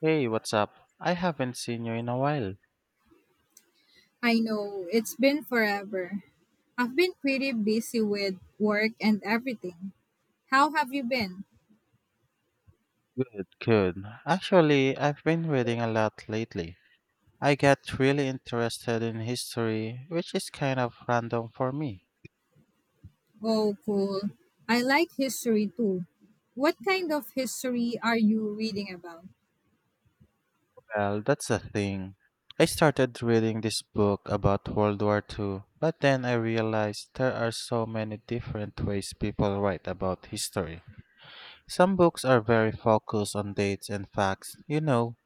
Hey, what's up? I haven't seen you in a while. I know, it's been forever. I've been pretty busy with work and everything. How have you been? Good, good. Actually, I've been reading a lot lately. I got really interested in history, which is kind of random for me. Oh, cool. I like history too. What kind of history are you reading about? Well, that's the thing. I started reading this book about World War II, but then I realized there are so many different ways people write about history. Some books are very focused on dates and facts, you know.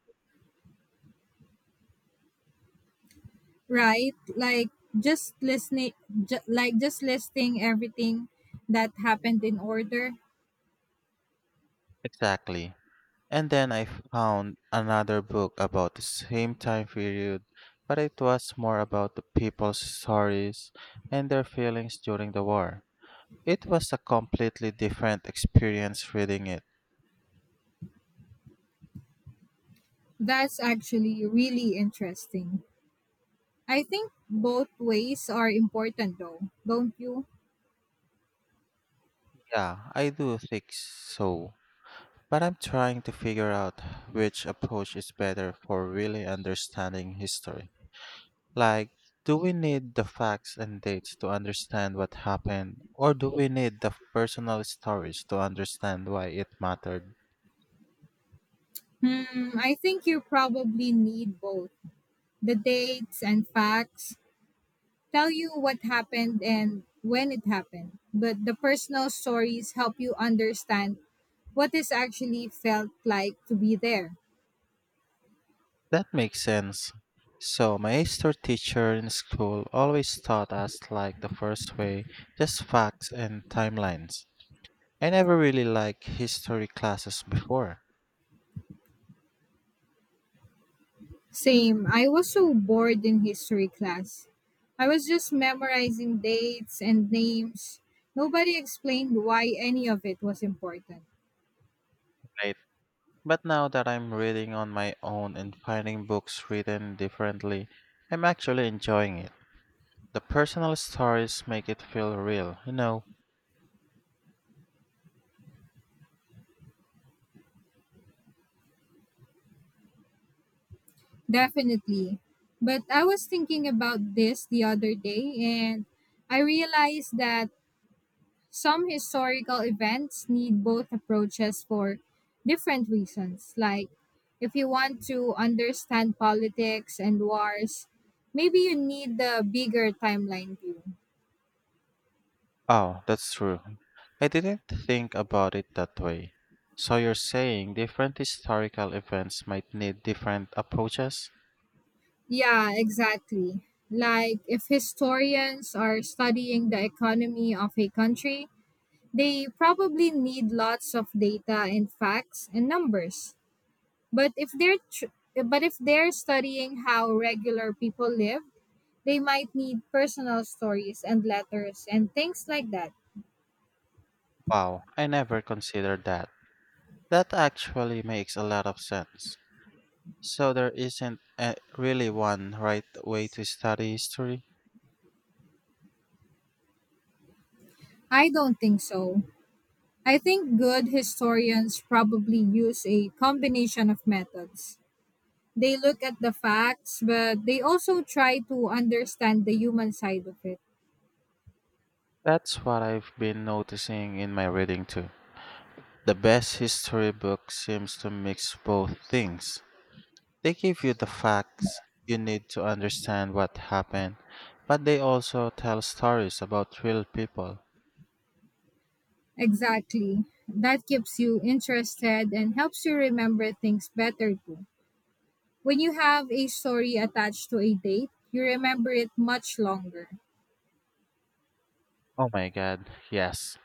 Right? Like just listening like just listing everything that happened in order. Exactly. And then I found another book about the same time period, but it was more about the people's stories and their feelings during the war. It was a completely different experience reading it. That's actually really interesting. I think both ways are important though, don't you? Yeah, I do think so. But I'm trying to figure out which approach is better for really understanding history. Like, do we need the facts and dates to understand what happened, or do we need the personal stories to understand why it mattered? Hmm, I think you probably need both. The dates and facts tell you what happened and when it happened, but the personal stories help you understand what is actually felt like to be there. That makes sense. So my history teacher in school always taught us like the first way, just facts and timelines. I never really liked history classes before. Same, I was so bored in history class. I was just memorizing dates and names. Nobody explained why any of it was important. Right. But now that I'm reading on my own and finding books written differently, I'm actually enjoying it. The personal stories make it feel real. Definitely. But I was thinking about this the other day and I realized that some historical events need both approaches for different reasons. Like, if you want to understand politics and wars, maybe you need the bigger timeline view. Oh, that's true. I didn't think about it that way. So you're saying different historical events might need different approaches? Yeah, exactly. Like, if historians are studying the economy of a country, they probably need lots of data and facts and numbers. But if they're tr- but if they're studying how regular people live, they might need personal stories and letters and things like that. Wow, I never considered that. That actually makes a lot of sense. So there isn't a, really one right way to study history? I don't think so. I think good historians probably use a combination of methods. They look at the facts, but they also try to understand the human side of it. That's what I've been noticing in my reading too. The best history book seems to mix both things. They give you the facts you need to understand what happened, but they also tell stories about real people. Exactly. That keeps you interested and helps you remember things better too. When you have a story attached to a date, you remember it much longer. Oh my god, yes.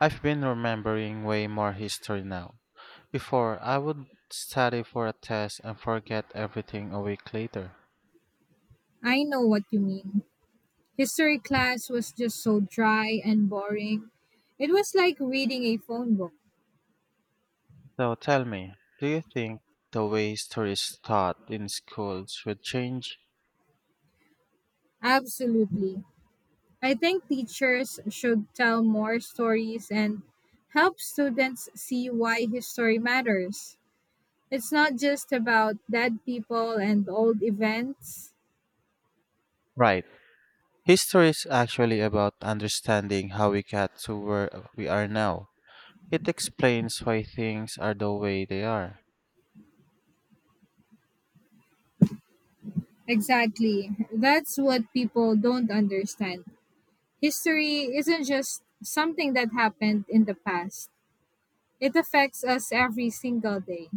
I've been remembering way more history now. Before, I would study for a test and forget everything a week later. I know what you mean. History class was just so dry and boring. It was like reading a phone book. So tell me, do you think the way history is taught in schools should change? Absolutely. I think teachers should tell more stories and help students see why history matters. It's not just about dead people and old events. Right. History is actually about understanding how we got to where we are now. It explains why things are the way they are. Exactly. That's what people don't understand. History isn't just something that happened in the past, it affects us every single day.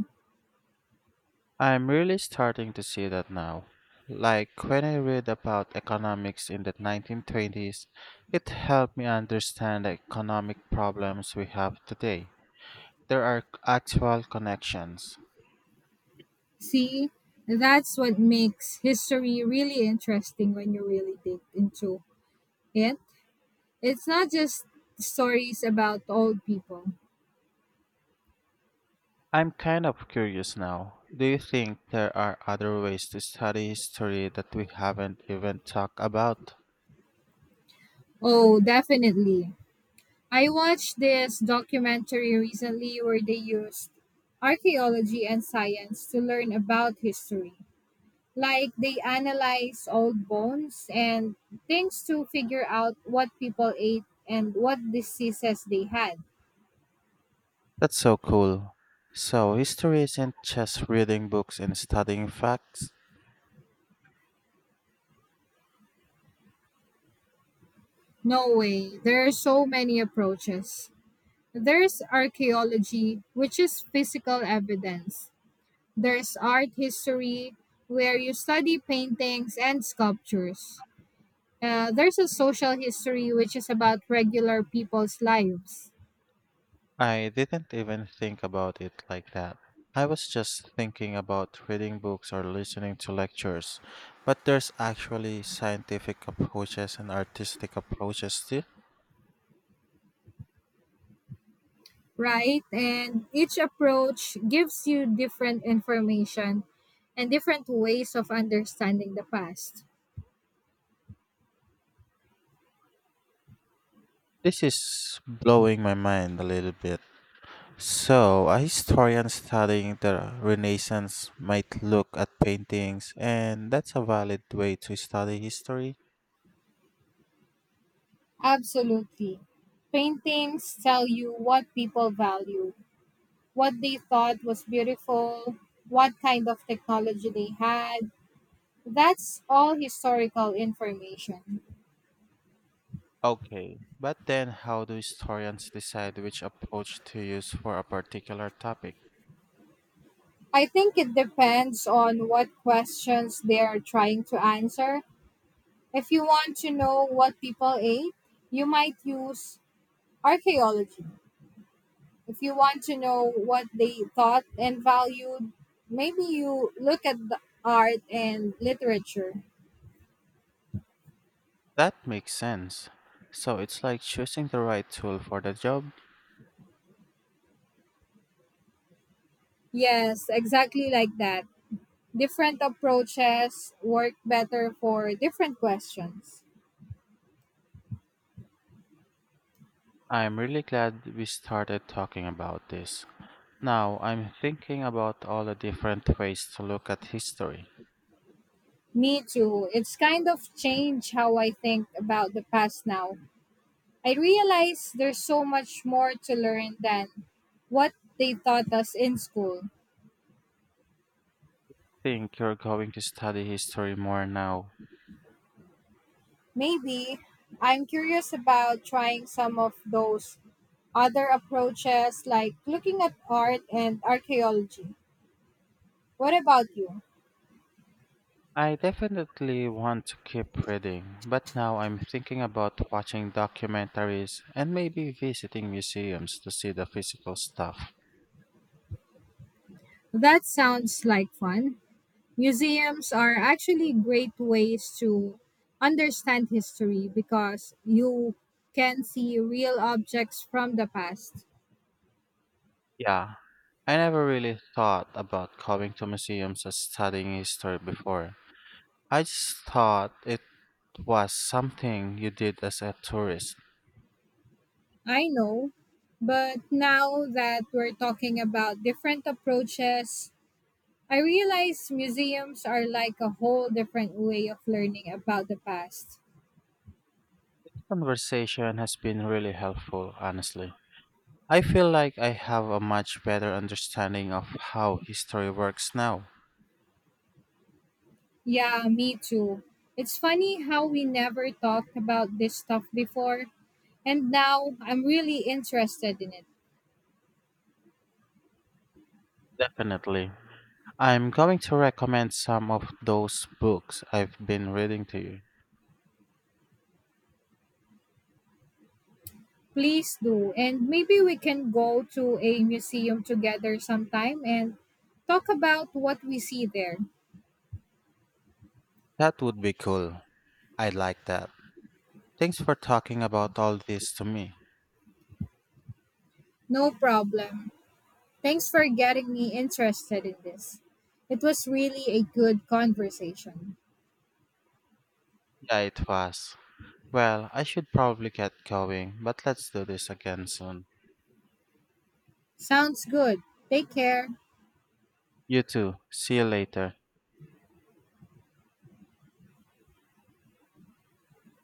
I'm really starting to see that now. Like when I read about economics in the 1920s, it helped me understand the economic problems we have today. There are actual connections. See, that's what makes history really interesting when you really dig into it. It's not just stories about old people. I'm kind of curious now. Do you think there are other ways to study history that we haven't even talked about? Oh, definitely. I watched this documentary recently where they used archaeology and science to learn about history. Like they analyze old bones and things to figure out what people ate and what diseases they had. That's so cool. So, history isn't just reading books and studying facts. No way. There are so many approaches. There's archaeology, which is physical evidence. There's art history, where you study paintings and sculptures. There's a social history, which is about regular people's lives, I didn't even think about it like that. I was just thinking about reading books or listening to lectures. But there's actually scientific approaches and artistic approaches too. right? And each approach gives you different information and different ways of understanding the past. This is blowing my mind a little bit. So, a historian studying the Renaissance might look at paintings, and that's a valid way to study history. Absolutely. Paintings tell you what people value, what they thought was beautiful, what kind of technology they had. That's all historical information. Okay, but then how do historians decide which approach to use for a particular topic? I think it depends on what questions they are trying to answer. If you want to know what people ate, you might use archaeology. If you want to know what they thought and valued, maybe you look at the art and literature. That makes sense. So it's like choosing the right tool for the job. Yes, exactly like that. Different approaches work better for different questions. I'm really glad we started talking about this. Now I'm thinking about all the different ways to look at history. Me too. It's kind of changed how I think about the past now. I realize there's so much more to learn than what they taught us in school. Think you're going to study history more now. Maybe. I'm curious about trying some of those other approaches like looking at art and archaeology. What about you? I definitely want to keep reading, but now I'm thinking about watching documentaries and maybe visiting museums to see the physical stuff. That sounds like fun. Museums are actually great ways to understand history because you can see real objects from the past. Yeah, I never really thought about going to museums as studying history before. I just thought it was something you did as a tourist. I know, but now that we're talking about different approaches, I realize museums are like a whole different way of learning about the past. Conversation has been really helpful, honestly. I feel like I have a much better understanding of how history works now. Yeah, me too. It's funny how we never talked about this stuff before, and now I'm really interested in it. Definitely. I'm going to recommend some of those books I've been reading to you. Please do. And maybe we can go to a museum together sometime and talk about what we see there. That would be cool. I like that. Thanks for talking about all this to me. No problem. Thanks for getting me interested in this. It was really a good conversation. Yeah, it was. Well, I should probably get going, but let's do this again soon. Sounds good. Take care. You too. See you later.